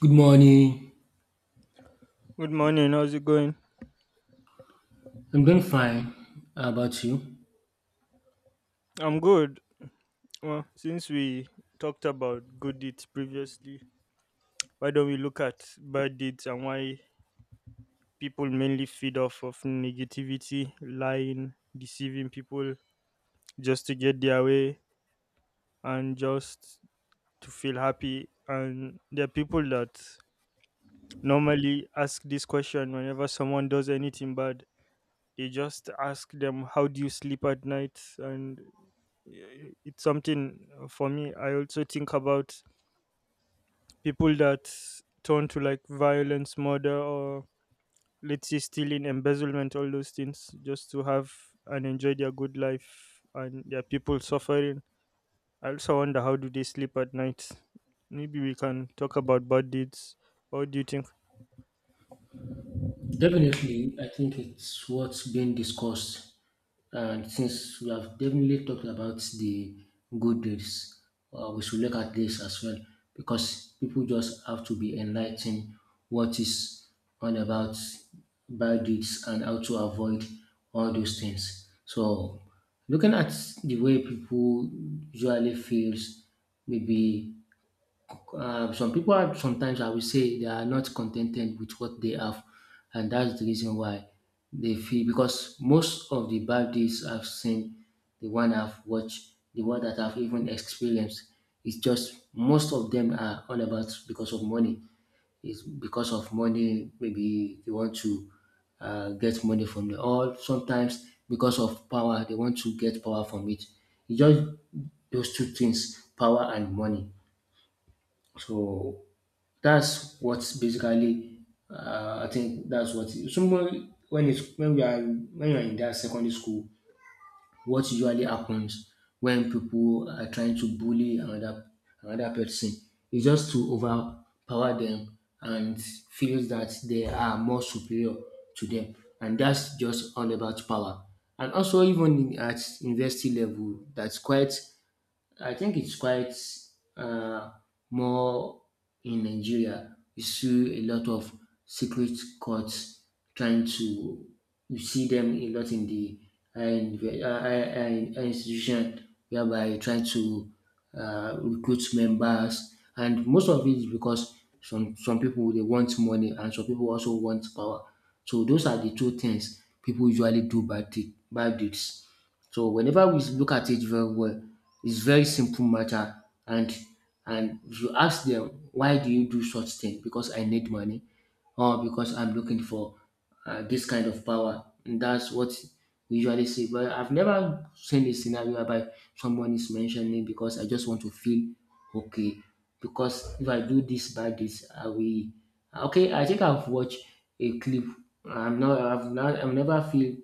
Good morning. Good morning. How's it going? I'm doing fine. How about you? I'm good. Well, since we talked about good deeds previously, why don't we look at bad deeds and why people mainly feed off of negativity, lying, deceiving people just to get their way and just to feel happy. And there are people that normally ask this question whenever someone does anything bad. They just ask them, how do you sleep at night? And it's something for me. I also think about people that turn to like violence, murder, or let's say stealing, embezzlement, all those things just to have and enjoy their good life and their people suffering. I also wonder how do they sleep at night. Maybe we can talk about bad deeds. What do you think? Definitely, I think it's what's being discussed. And since we have definitely talked about the good deeds, we should look at this as well because people just have to be enlightened what is on about bad deeds and how to avoid all those things. So looking at the way people usually feels maybe. Some people are sometimes, I will say, they are not contented with what they have, and that's the reason why they feel, because most of the bad deeds I've seen, the one I've watched, the one that I've even experienced, it's just most of them are all about because of money. It's because of money. Maybe they want to get money from the, or sometimes because of power they want to get power from it. It's just those two things, power and money. So that's what's basically, I think that's what someone, when it's when we are when you are in that secondary school, what usually happens when people are trying to bully another person is just to overpower them and feels that they are more superior to them, and that's just all about power. And also even in, at university level, that's quite, I think it's quite, uh, more in Nigeria. You see a lot of secret courts trying to. You see them a lot in the higher inve- higher- higher- higher institution, whereby trying to recruit members, and most of it is because some people they want money, and some people also want power. So those are the two things people usually do bad, bad deeds. So whenever we look at it very well, it's very simple matter. And and if you ask them, why do you do such thing? Because I need money, or because I'm looking for, this kind of power. And that's what we usually see. But I've never seen a scenario whereby someone is mentioning because I just want to feel okay. Because if I do this bad this, I will okay. I think I've watched a clip. I'm not. I've not. I've never feel.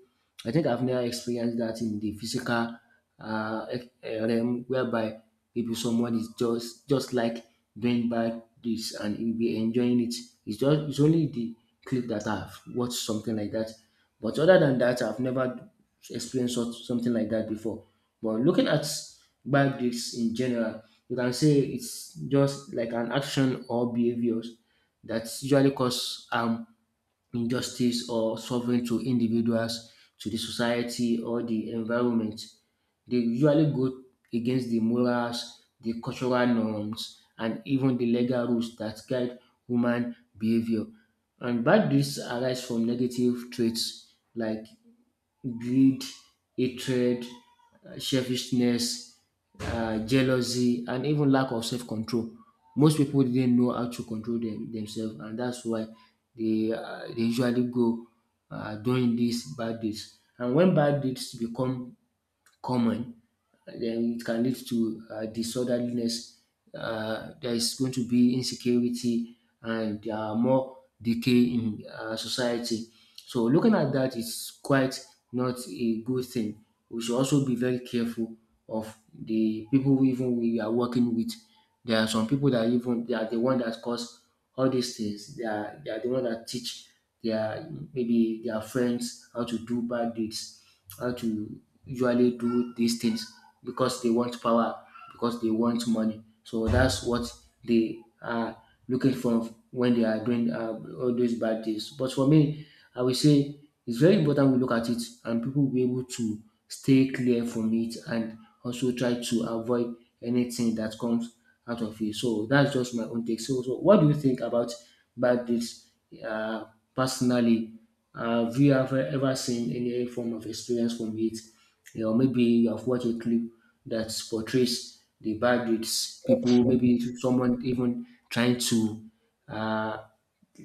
I think I've never experienced that in the physical, realm, whereby maybe someone is just like doing bad this and you'll be enjoying it. It's only the clip that I've watched something like that. But other than that, I've never experienced such, something like that before. But looking at bad deeds in general, you can say it's just like an action or behaviors that usually cause harm, injustice, or suffering to individuals, to the society, or the environment. They usually go against the morals, the cultural norms, and even the legal rules that guide human behavior. And bad deeds arise from negative traits like greed, hatred, selfishness, jealousy, and even lack of self control. Most people didn't know how to control them, themselves, and that's why they usually go doing these bad deeds. And when bad deeds become common, then it can lead to disorderliness. There is going to be insecurity, and there are more decay in society. So looking at that is quite not a good thing. We should also be very careful of the people we are working with. There are some people that even they are the one that cause all these things. They are the one that teach their, maybe their friends how to do bad deeds, how to usually do these things because they want power, because they want money. So that's what they are looking for when they are doing, all those bad things. But for me, I will say it's very important we look at it and people will be able to stay clear from it and also try to avoid anything that comes out of it. So that's just my own take. So, what do you think about bad deeds, uh, personally? Have you ever, seen any form of experience from it? Or maybe you have watched a clip that portrays the bad deeds. People, maybe someone even trying to uh,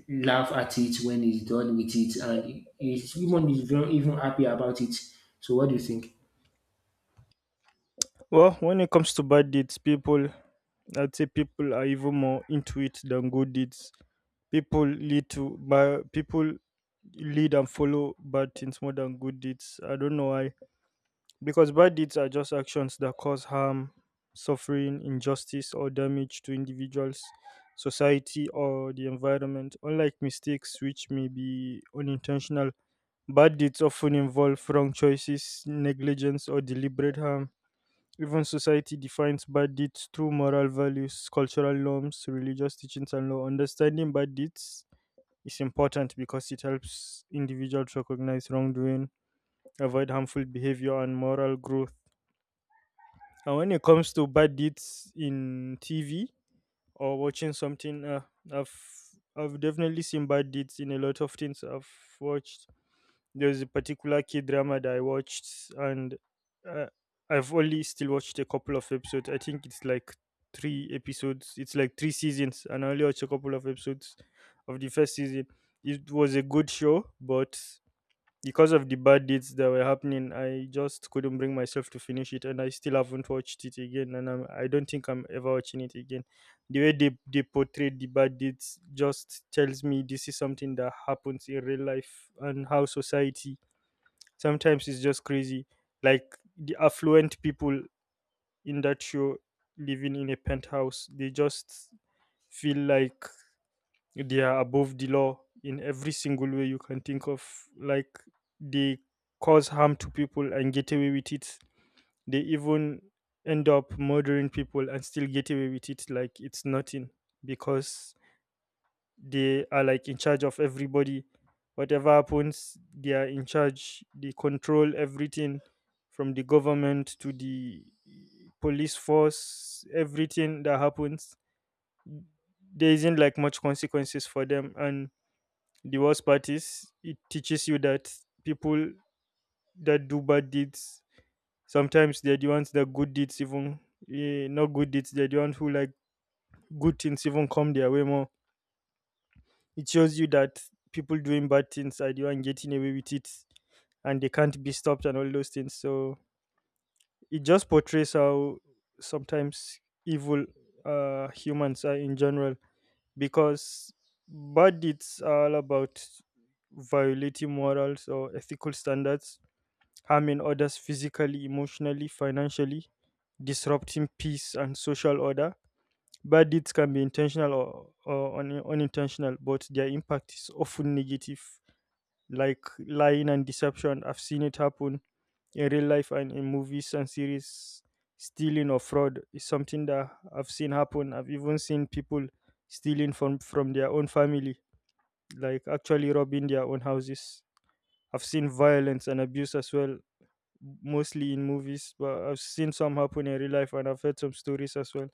laugh at it when he's done with it, and he's not even happy about it. So, what do you think? Well, when it comes to bad deeds, people I'd say people are even more into it than good deeds. People lead to but people lead and follow bad things more than good deeds. I don't know why, because bad deeds are just actions that cause harm, suffering, injustice, or damage to individuals, society, or the environment. Unlike mistakes, which may be unintentional, bad deeds often involve wrong choices, negligence, or deliberate harm. Even society defines bad deeds through moral values, cultural norms, religious teachings, and law. Understanding bad deeds, it's important because it helps individuals recognize wrongdoing, avoid harmful behavior, and moral growth. And when it comes to bad deeds in TV or watching something, I've I've definitely seen bad deeds in a lot of things I've watched. There's a particular kid drama that I watched, and uh, I've only still watched a couple of episodes. I think it's like three episodes. It's like three seasons, and I only watched a couple of episodes of the first season. It was a good show, but because of the bad deeds that were happening, I just couldn't bring myself to finish it, and I still haven't watched it again. I don't think I'm ever watching it again. The way they portrayed the bad deeds just tells me this is something that happens in real life and how society sometimes is just crazy. Like the affluent people in that show living in a penthouse, they just feel like they are above the law in every single way you can think of. Like they cause harm to people and get away with it. They even end up murdering people and still get away with it like it's nothing, because they are like in charge of everybody. Whatever happens, they are in charge, they control everything, from the government to the police force. Everything that happens, there isn't like much consequences for them. And divorce parties, it teaches you that people that do bad deeds, sometimes they're the ones that good deeds even eh, not good deeds they're the ones who like good things even come their way more. It shows you that people doing bad things are the one getting away with it and they can't be stopped and all those things. So it just portrays how sometimes evil humans are in general, because bad deeds are all about violating morals or ethical standards, harming others physically, emotionally, financially, disrupting peace and social order. Bad deeds can be intentional or unintentional, but their impact is often negative, like lying and deception. I've seen it happen in real life and in movies and series. Stealing or fraud is something that I've seen happen. I've even seen people stealing from their own family, like actually robbing their own houses. I've seen violence and abuse as well, mostly in movies, but I've seen some happen in real life and I've heard some stories as well.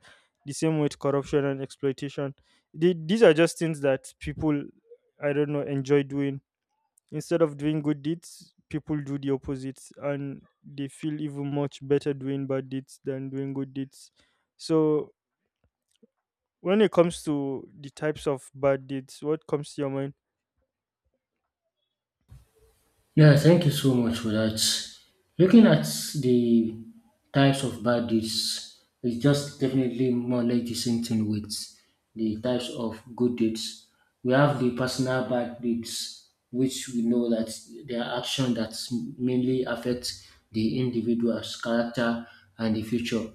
The same with corruption and exploitation. These are just things that people, I don't know, enjoy doing. Instead of doing good deeds, people do the opposite and they feel even much better doing bad deeds than doing good deeds. So, when it comes to the types of bad deeds, what comes to your mind? Yeah, thank you so much for that. Looking at the types of bad deeds, it's just definitely more or less the same thing with the types of good deeds. We have the personal bad deeds, which we know that they are actions that mainly affect the individual's character and the future.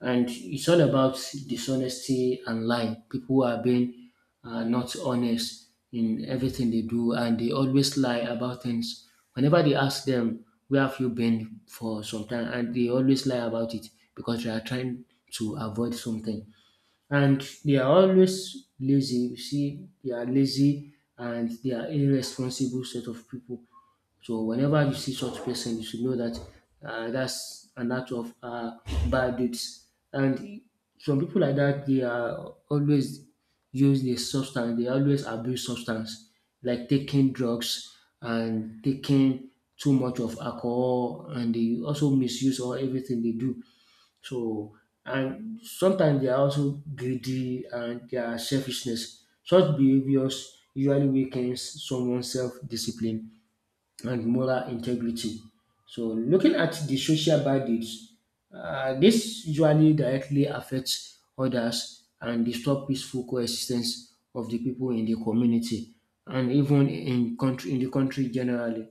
And it's all about dishonesty and lying. People who are being, not honest in everything they do and they always lie about things. Whenever they ask them, where have you been for some time? And they always lie about it because they are trying to avoid something. And they are always lazy. You see, they are lazy and they are irresponsible set of people. So whenever you see such person, you should know that, that's an act of, bad deeds. And some people like that, they are always use the substance. They always abuse substance, like taking drugs and taking too much of alcohol, and they also misuse all everything they do. So and sometimes they are also greedy and their selfishness. Such behaviors usually weakens someone's self-discipline and moral integrity. So looking at the social bandits, this usually directly affects others and disturb peaceful coexistence of the people in the community, and even in country in the country generally,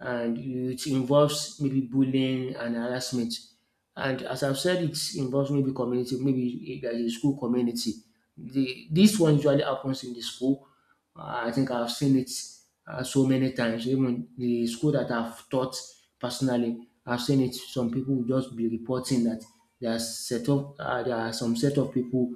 and it involves maybe bullying and harassment. And as I've said, it involves maybe community, maybe there's a school community. This one usually happens in the school. I think I've seen it, so many times. Even the school that I've taught personally, I've seen it. Some people will just be reporting that there are some set of people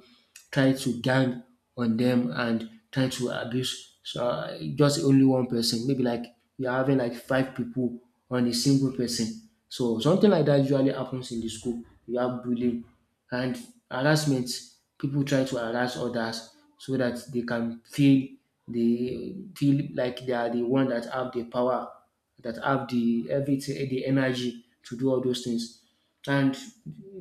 try to gang on them and try to abuse so just only one person. Maybe like you're having like five people on a single person. So something like that usually happens in the school. You have bullying and harassment. People try to harass others so that they can feel like they are the one that have the power, that have the everything, the energy to do all those things, and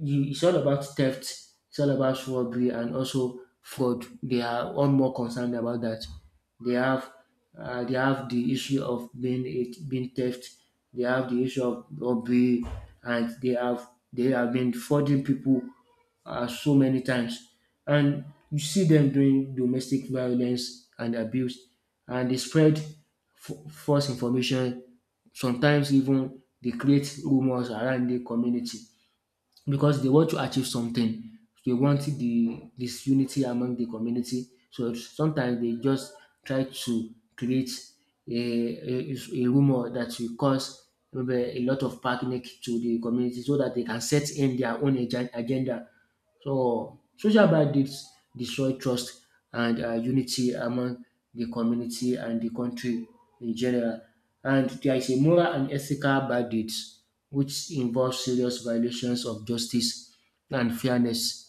you, it's all about theft, it's all about robbery and also fraud. They are all more concerned about that. They have they have the issue of being it being theft. They have the issue of robbery, and they have been frauding people, so many times. And you see them doing domestic violence and abuse, and they spread false information. Sometimes even they create rumors around the community because they want to achieve something. They want the this unity among the community. So sometimes they just try to create a, a, a rumor that will cause maybe a lot of panic to the community so that they can set in their own agenda. So social bandits destroy trust and, unity among the community and the country in general. And there is a moral and ethical bandits which involves serious violations of justice and fairness,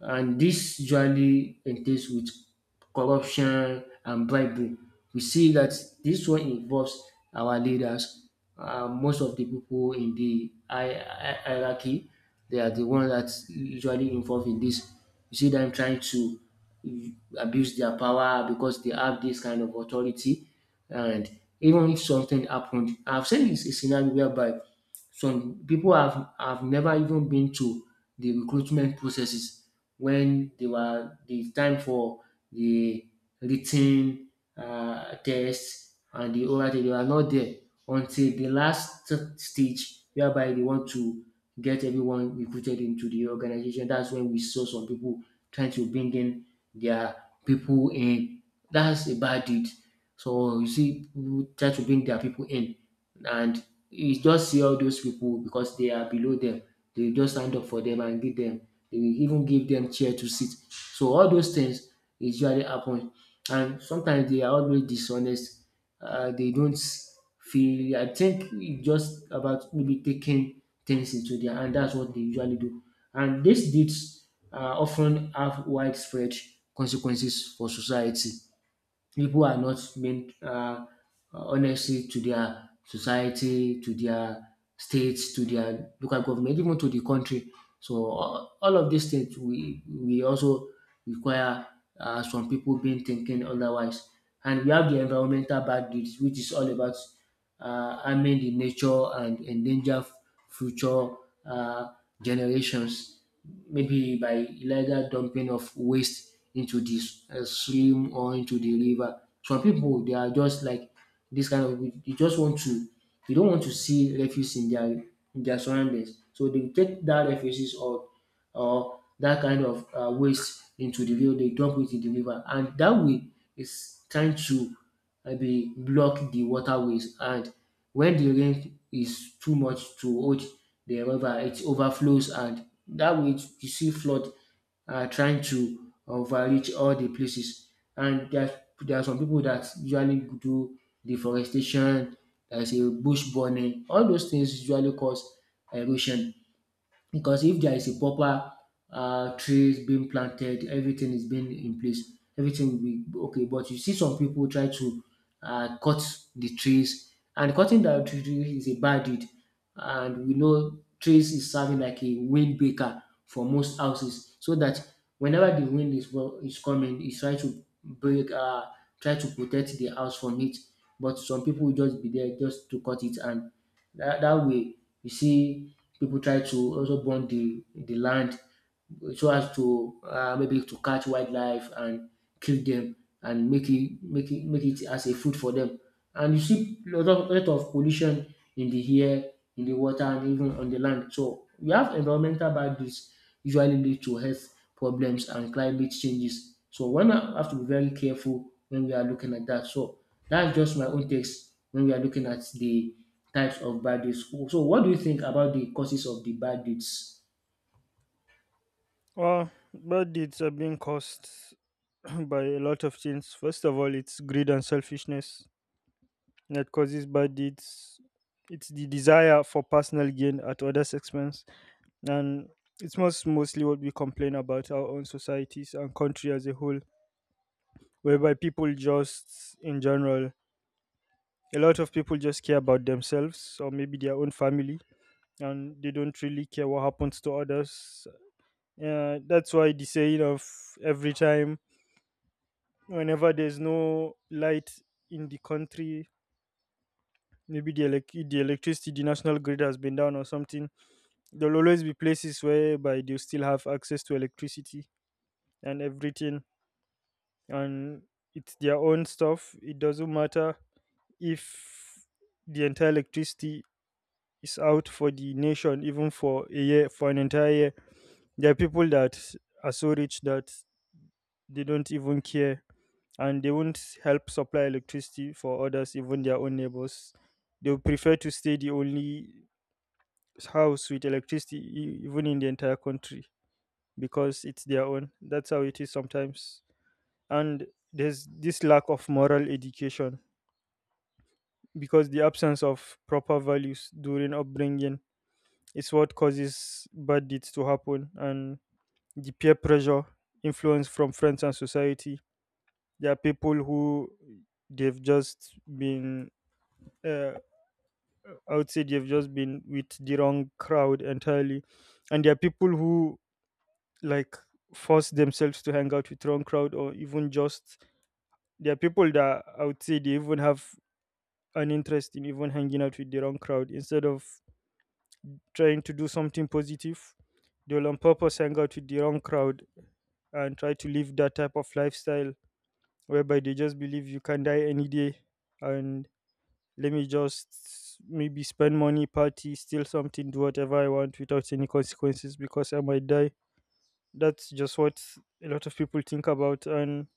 and this usually entails with corruption and bribery. We see that this one involves our leaders. Most of the people in the hierarchy, they are the ones that usually involved in this. You see them trying to abuse their power because they have this kind of authority. And even if something happened, I've seen a scenario whereby some people have never even been to the recruitment processes when they were the time for the written uh test and the oral test. They were not there until the last stage whereby they want to get everyone recruited into the organization. That's when we saw some people trying to bring in their people in. That's a bad deed. So you see pipu try to bring their people in, and you just see all those people because they are below them. They will just stand up for them and give them. They will even give them chair to sit. So all those things usually happen. And sometimes they are always dishonest. They don't feel. I think it's just about maybe taking things into their hand. That's what they usually do. And these deeds, often have widespread consequences for society. People are not being, uh, honestly to their society, to their states, to their local government, even to the country. So, all of these things we also require, some people being thinking otherwise. And we have the environmental bad deeds, which is all about harming the nature and endanger future uh, generations, maybe by illegal dumping of waste into the stream or into the river. Some people, they are just like this kind of people. They just want to, they don't want to see refuse in their surroundings. So they take that refuses or that kind of waste into the river. They dump it in the river, and that way is trying to maybe block the waterways, and when the rain is too much to hold, the river it overflows, and that way you see flood trying to overreach all the places. And there, there are some people that usually do deforestation, there is a bush burning. All those things usually cause erosion, because if there is a proper trees being planted, everything is being in place, everything will be okay. But you see some people try to cut the trees, and cutting down tree is a bad deed. And we know trees is serving like a windbreaker for most houses, so that whenever the wind is is coming, it's trying to break, try to protect the house from it. But some people will just be there just to cut it, and that way, you see people try to also burn the land so as to maybe to catch wildlife and kill them and make it as a food for them. And you see lot of pollution in the air, in the water, and even on the land. So we have environmental boundaries usually lead to health problems and climate changes. So one have to be very careful when we are looking at that. So that's just my own takes when we are looking at the types of bad deeds. So what do you think about the causes of the bad deeds? Well, bad deeds are being caused by a lot of things. First of all, it's greed and selfishness that causes bad deeds. It's the desire for personal gain at others' expense, and it's mostly what we complain about our own societies and country as a whole, whereby people just in general, a lot of people just care about themselves or maybe their own family and they don't really care what happens to others. That's why the saying of every time, whenever there's no light in the country, maybe the electricity, the national grid has been down or something, there'll always be places whereby they still have access to electricity and everything. And it's their own stuff, it doesn't matter. If the entire electricity is out for the nation, even for a year, for an entire year, there are people that are so rich that they don't even care and they won't help supply electricity for others, even their own neighbors. They would prefer to stay the only house with electricity, even in the entire country, because it's their own. That's how it is sometimes. And there's this lack of moral education, because the absence of proper values during upbringing is what causes bad deeds to happen. And the peer pressure, influence from friends and society. There are people who they've just been, uh, I would say they've just been with the wrong crowd entirely. And there are people who like force themselves to hang out with wrong crowd, or even just, there are people that I would say they even have an interest in even hanging out with the wrong crowd instead of trying to do something positive. They'll on purpose hang out with the wrong crowd and try to live that type of lifestyle whereby they just believe you can die any day, and let me just maybe spend money, party, steal something, do whatever I want without any consequences because I might die. That's just what a lot of people think about. And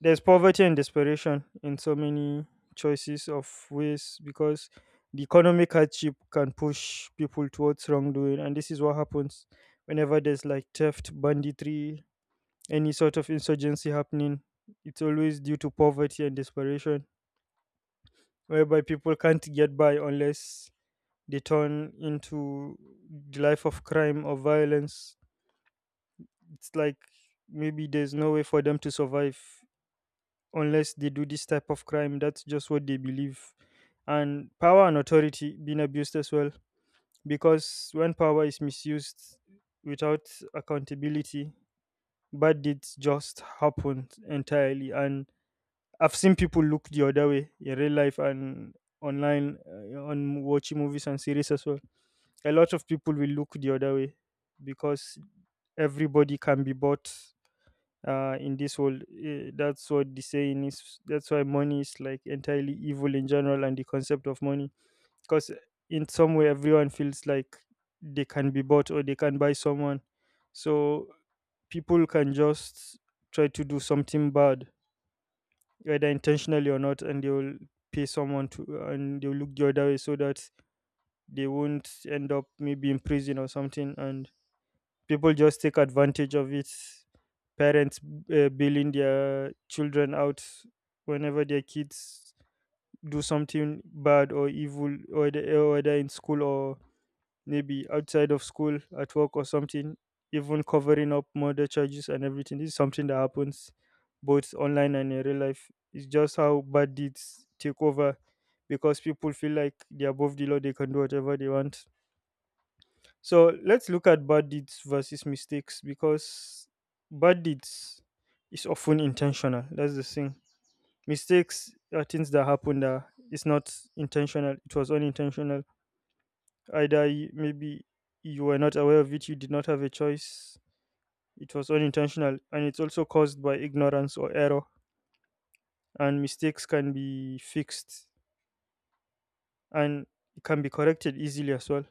there's poverty and desperation in so many choices of ways, because the economic hardship can push people towards wrongdoing. And this is what happens whenever there's like theft, banditry, any sort of insurgency happening. It's always due to poverty and desperation, whereby people can't get by unless they turn into the life of crime or violence. It's like, maybe there's no way for them to survive unless they do this type of crime. That's just what they believe. And power and authority being abused as well. Because when power is misused without accountability, bad deeds just happen entirely. And I've seen people look the other way in real life and online, on watching movies and series as well. A lot of people will look the other way because everybody can be bought in this world. That's what the saying is. That's why money is like entirely evil in general, and the concept of money. Because in some way, everyone feels like they can be bought or they can buy someone. So people can just try to do something bad, whether intentionally or not, and they will pay someone to, and they'll look the other way so that they won't end up maybe in prison or something. And people just take advantage of it. Parents bailing their children out whenever their kids do something bad or evil or whether in school or maybe outside of school at work or something, even covering up murder charges and everything. This is something that happens both online and in real life. It's just how bad deeds take over, because people feel like they're above the law, they can do whatever they want. So let's look at bad deeds versus mistakes, because bad deeds is often intentional. That's the thing. Mistakes are things that happen that it's not intentional. It was unintentional. Either you, maybe you were not aware of it, you did not have a choice. It was unintentional, and it's also caused by ignorance or error. And mistakes can be fixed, and it can be corrected easily as well.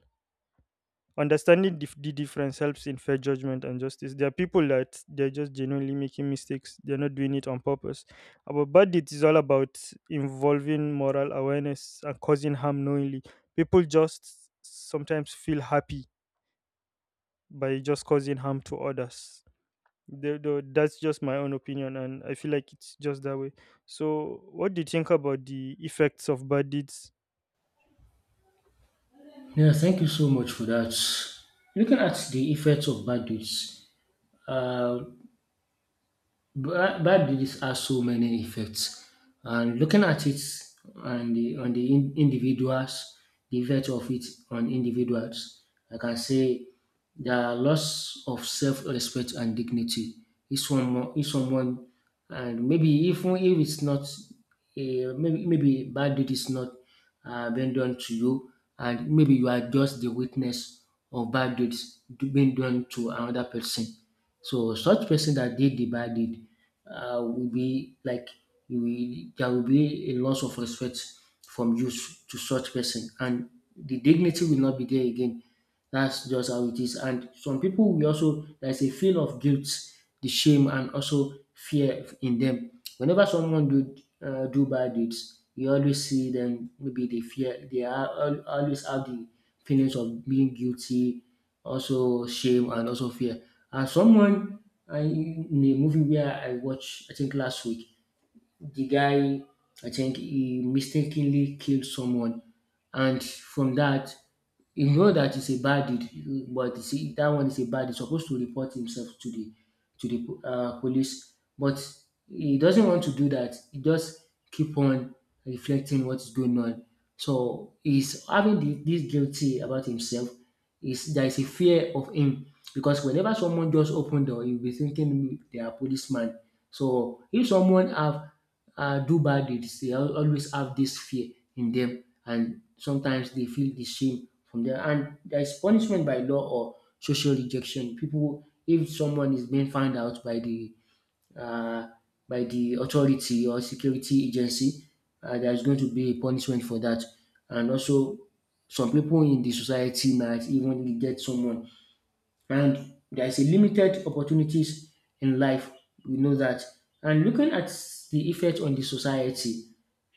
Understanding the difference helps in fair judgment and justice. There are people that they're just genuinely making mistakes. They're not doing it on purpose. About bad deeds is all about involving moral awareness and causing harm knowingly. People just sometimes feel happy by just causing harm to others. That's just my own opinion, and I feel like it's just that way. So, what do you think about the effects of bad deeds? Yeah, thank you so much for that. Looking at the effects of bad deeds, uh, bad deeds has so many effects, and looking at it and the, on the individuals, the effect of it on individuals, I can say the loss of self-respect and dignity. If someone, And maybe even if it's not, maybe bad deed is not being done to you, and maybe you are just the witness of bad deeds being done to another person. So such person that did the bad deed will be like, there will be a loss of respect from you to such person, and the dignity will not be there again. That's just how it is. And some people will also, there's a feel of guilt, the shame, and also fear in them. Whenever someone do do bad deeds, you always see them. Maybe they fear. They are always have the feelings of being guilty, also shame, and also fear. And someone, I, in a movie where I watched, I think last week, the guy, I think he mistakenly killed someone, and from that you know that it's a bad deed, but you see that one is a bad. He's supposed to report himself to the police, but he doesn't want to do that. He just keep on reflecting what's going on. So he's having the, this guilty about himself. Is there is a fear of him because whenever someone just open door, he'll be thinking they are policeman. So if someone have do bad deeds, they always have this fear in them, and sometimes they feel the shame from there. And there is punishment by law or social rejection. People, if someone is being found out uh, by the authority or security agency, there is going to be a punishment for that. And also, some people in the society might even get someone, and there is a limited opportunities in life. We know that. And looking at the effect on the society,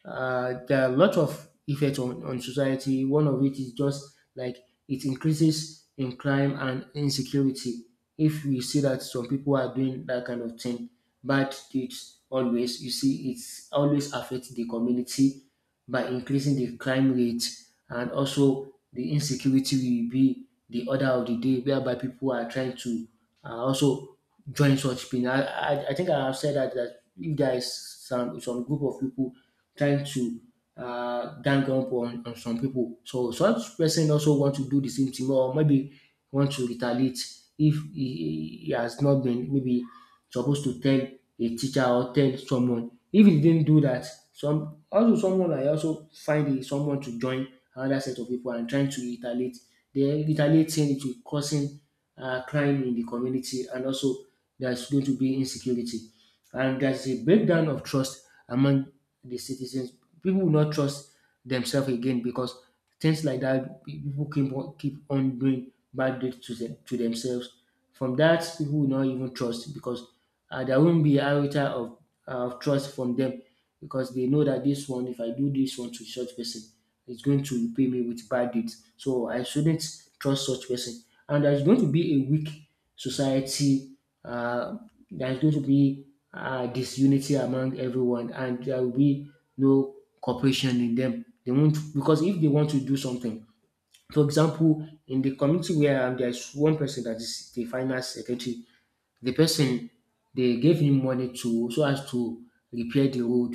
there are a lot of effects on society. One of it is just like it increases in crime and insecurity. If we see that some people are doing that kind of thing, bad deeds always, you see, it's always affect the community by increasing the crime rate and also the insecurity will be the order of the day, whereby people are trying to also join such thing. I think I have said that, that if there is some group of people trying to gang up on some people. So such person also want to do the same thing, or maybe want to retaliate if he has not been maybe supposed to tell a teacher or tell someone. If he didn't do that, some also someone I also find is someone to join another set of people and trying to retaliate. The retaliating it will causing crime in the community, and also there's going to be insecurity, and there's a breakdown of trust among the citizens. People will not trust themselves again, because things like that, people keep on doing bad deeds to to themselves. From that, people will not even trust, because there won't be a iota of trust from them, because they know that this one, if I do this one to such person, it's going to repay me with bad deeds. So I shouldn't trust such person. And there's going to be a weak society. Uh, there's going to be disunity among everyone, and there will be no cooperation in them. They won't, because if they want to do something, for example, in the community where I am, there's one person that is the finance secretary. The person, they gave him money to so as to repair the road,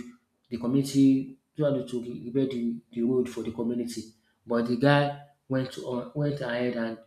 the community so as to repair the road for the community. But the guy went ahead and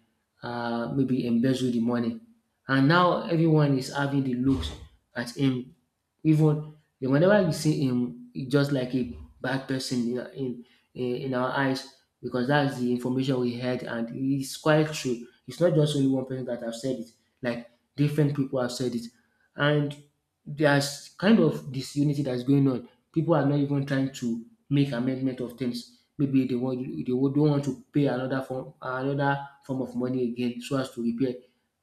maybe embezzled the money. And now everyone is having the looks at him. Even whenever you see him, it's just like a bad person in in our eyes, because that's the information we had and it's quite true. It's not just only one person that have said it. Like, different people have said it. And there's kind of disunity that's going on. People are not even trying to make amendment of things. Maybe they want, they would- don't want to pay another form of money again so as to repair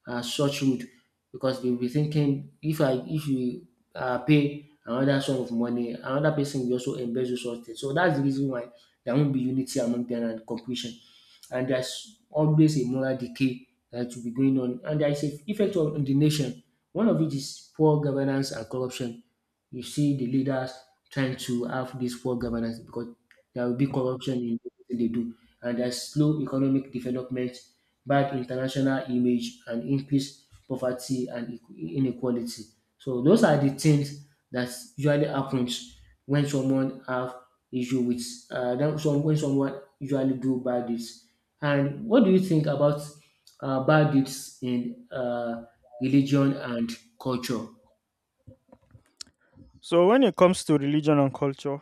such road, because they'll be thinking if I, if you pay another sum of money, another person will also embezzle such things. So that's the reason why there won't be unity among them and completion. And there's always a moral decay that will be going on. And there is an effect on the nation. One of it is poor governance and corruption. You see the leaders trying to have this poor governance, because there will be corruption in everything they do, and there's slow economic development, bad international image, and increased poverty and inequality. So those are the things that usually happens when someone have issue with when someone usually do bad deeds. And what do you think about bad deeds in religion and culture? So, when it comes to religion and culture,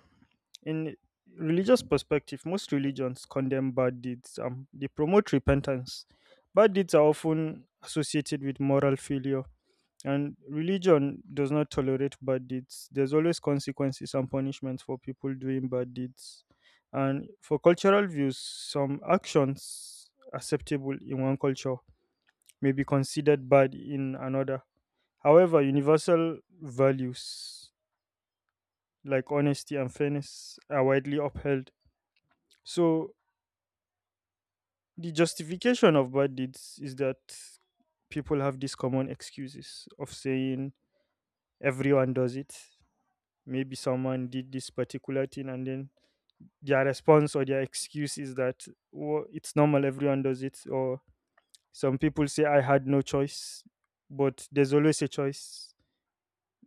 in religious perspective, most religions condemn bad deeds. They promote repentance. Bad deeds are often associated with moral failure, and religion does not tolerate bad deeds. There's always consequences and punishment for people doing bad deeds. And for cultural views, some actions acceptable in one culture may be considered bad in another. However, universal values like honesty and fairness are widely upheld. So, the justification of bad deeds is that people have these common excuses of saying everyone does it. Maybe someone did this particular thing, and then their response or their excuse is that, "Wo- it's normal, everyone does it." Or some people say, I had no choice, but there's always a choice.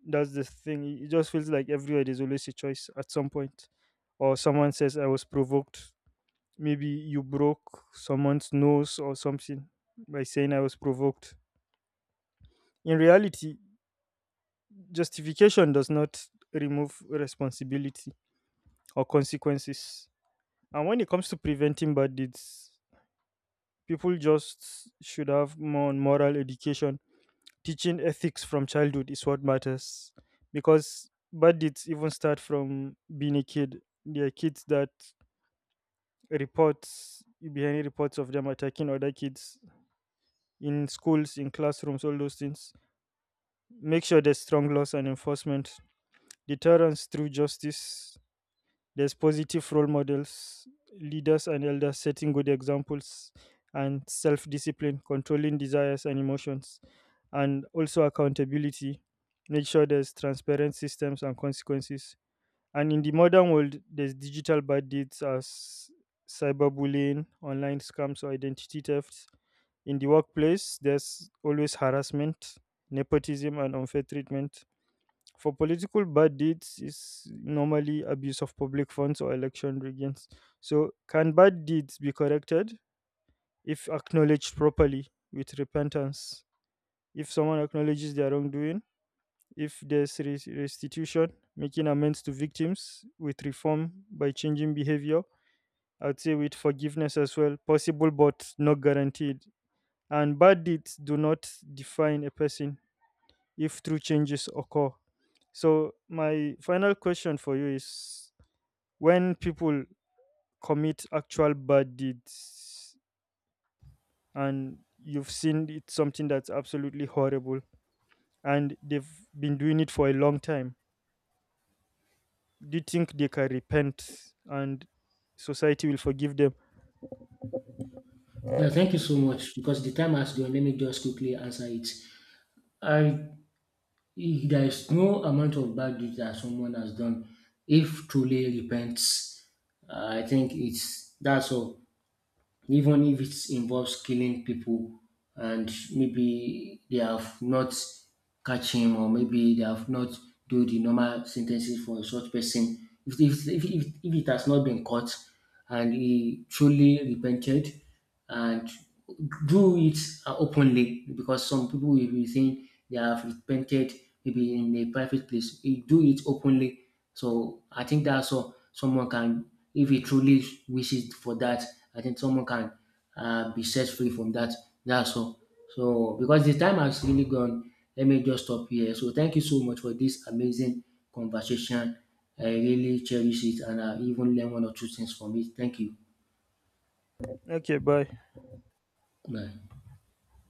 That's the thing. It just feels like everywhere there's always a choice at some point. Or someone says, I was provoked. Maybe you broke someone's nose or something by saying I was provoked. In reality, justification does not remove responsibility or consequences. And when it comes to preventing bad deeds, people just should have more on moral education. Teaching ethics from childhood is what matters, because bad deeds even start from being a kid. There are kids that reports you behind reports of them attacking other kids in schools, in classrooms, all those things. Make sure there's strong laws and enforcement, deterrence through justice. There's positive role models, leaders and elders setting good examples, and self discipline, controlling desires and emotions, and also accountability. Make sure there's transparent systems and consequences. And in the modern world, there's digital bad deeds as cyberbullying, online scams, or identity thefts. In the workplace, there's always harassment, nepotism, and unfair treatment. For political bad deeds, is normally abuse of public funds or election riggings. So, can bad deeds be corrected if acknowledged properly with repentance? If someone acknowledges their wrongdoing, if there's res- restitution, making amends to victims, with reform by changing behavior, I'd say with forgiveness as well, possible but not guaranteed. And bad deeds do not define a person if true changes occur. So, my final question for you is, when people commit actual bad deeds and you've seen it's something that's absolutely horrible and they've been doing it for a long time, do you think they can repent and society will forgive them? Yeah, thank you so much because the time has gone. Let me just quickly answer it. I there is no amount of bad deed that someone has done if truly repents. I think it's that's all. Even if it involves killing people and maybe they have not catch him, or maybe they have not do the normal sentences for such person. If it has not been caught and he truly repented and do it openly, because some people will be saying they have repented maybe in a private place. You do it openly. So I think that's all someone can, if he truly wishes for that, I think someone can be set free from that. That's all. So because the time has really gone, let me just stop here. So thank you so much for this amazing conversation. I really cherish it and I even learn one or two things from it. Thank you. Okay, bye. Bye.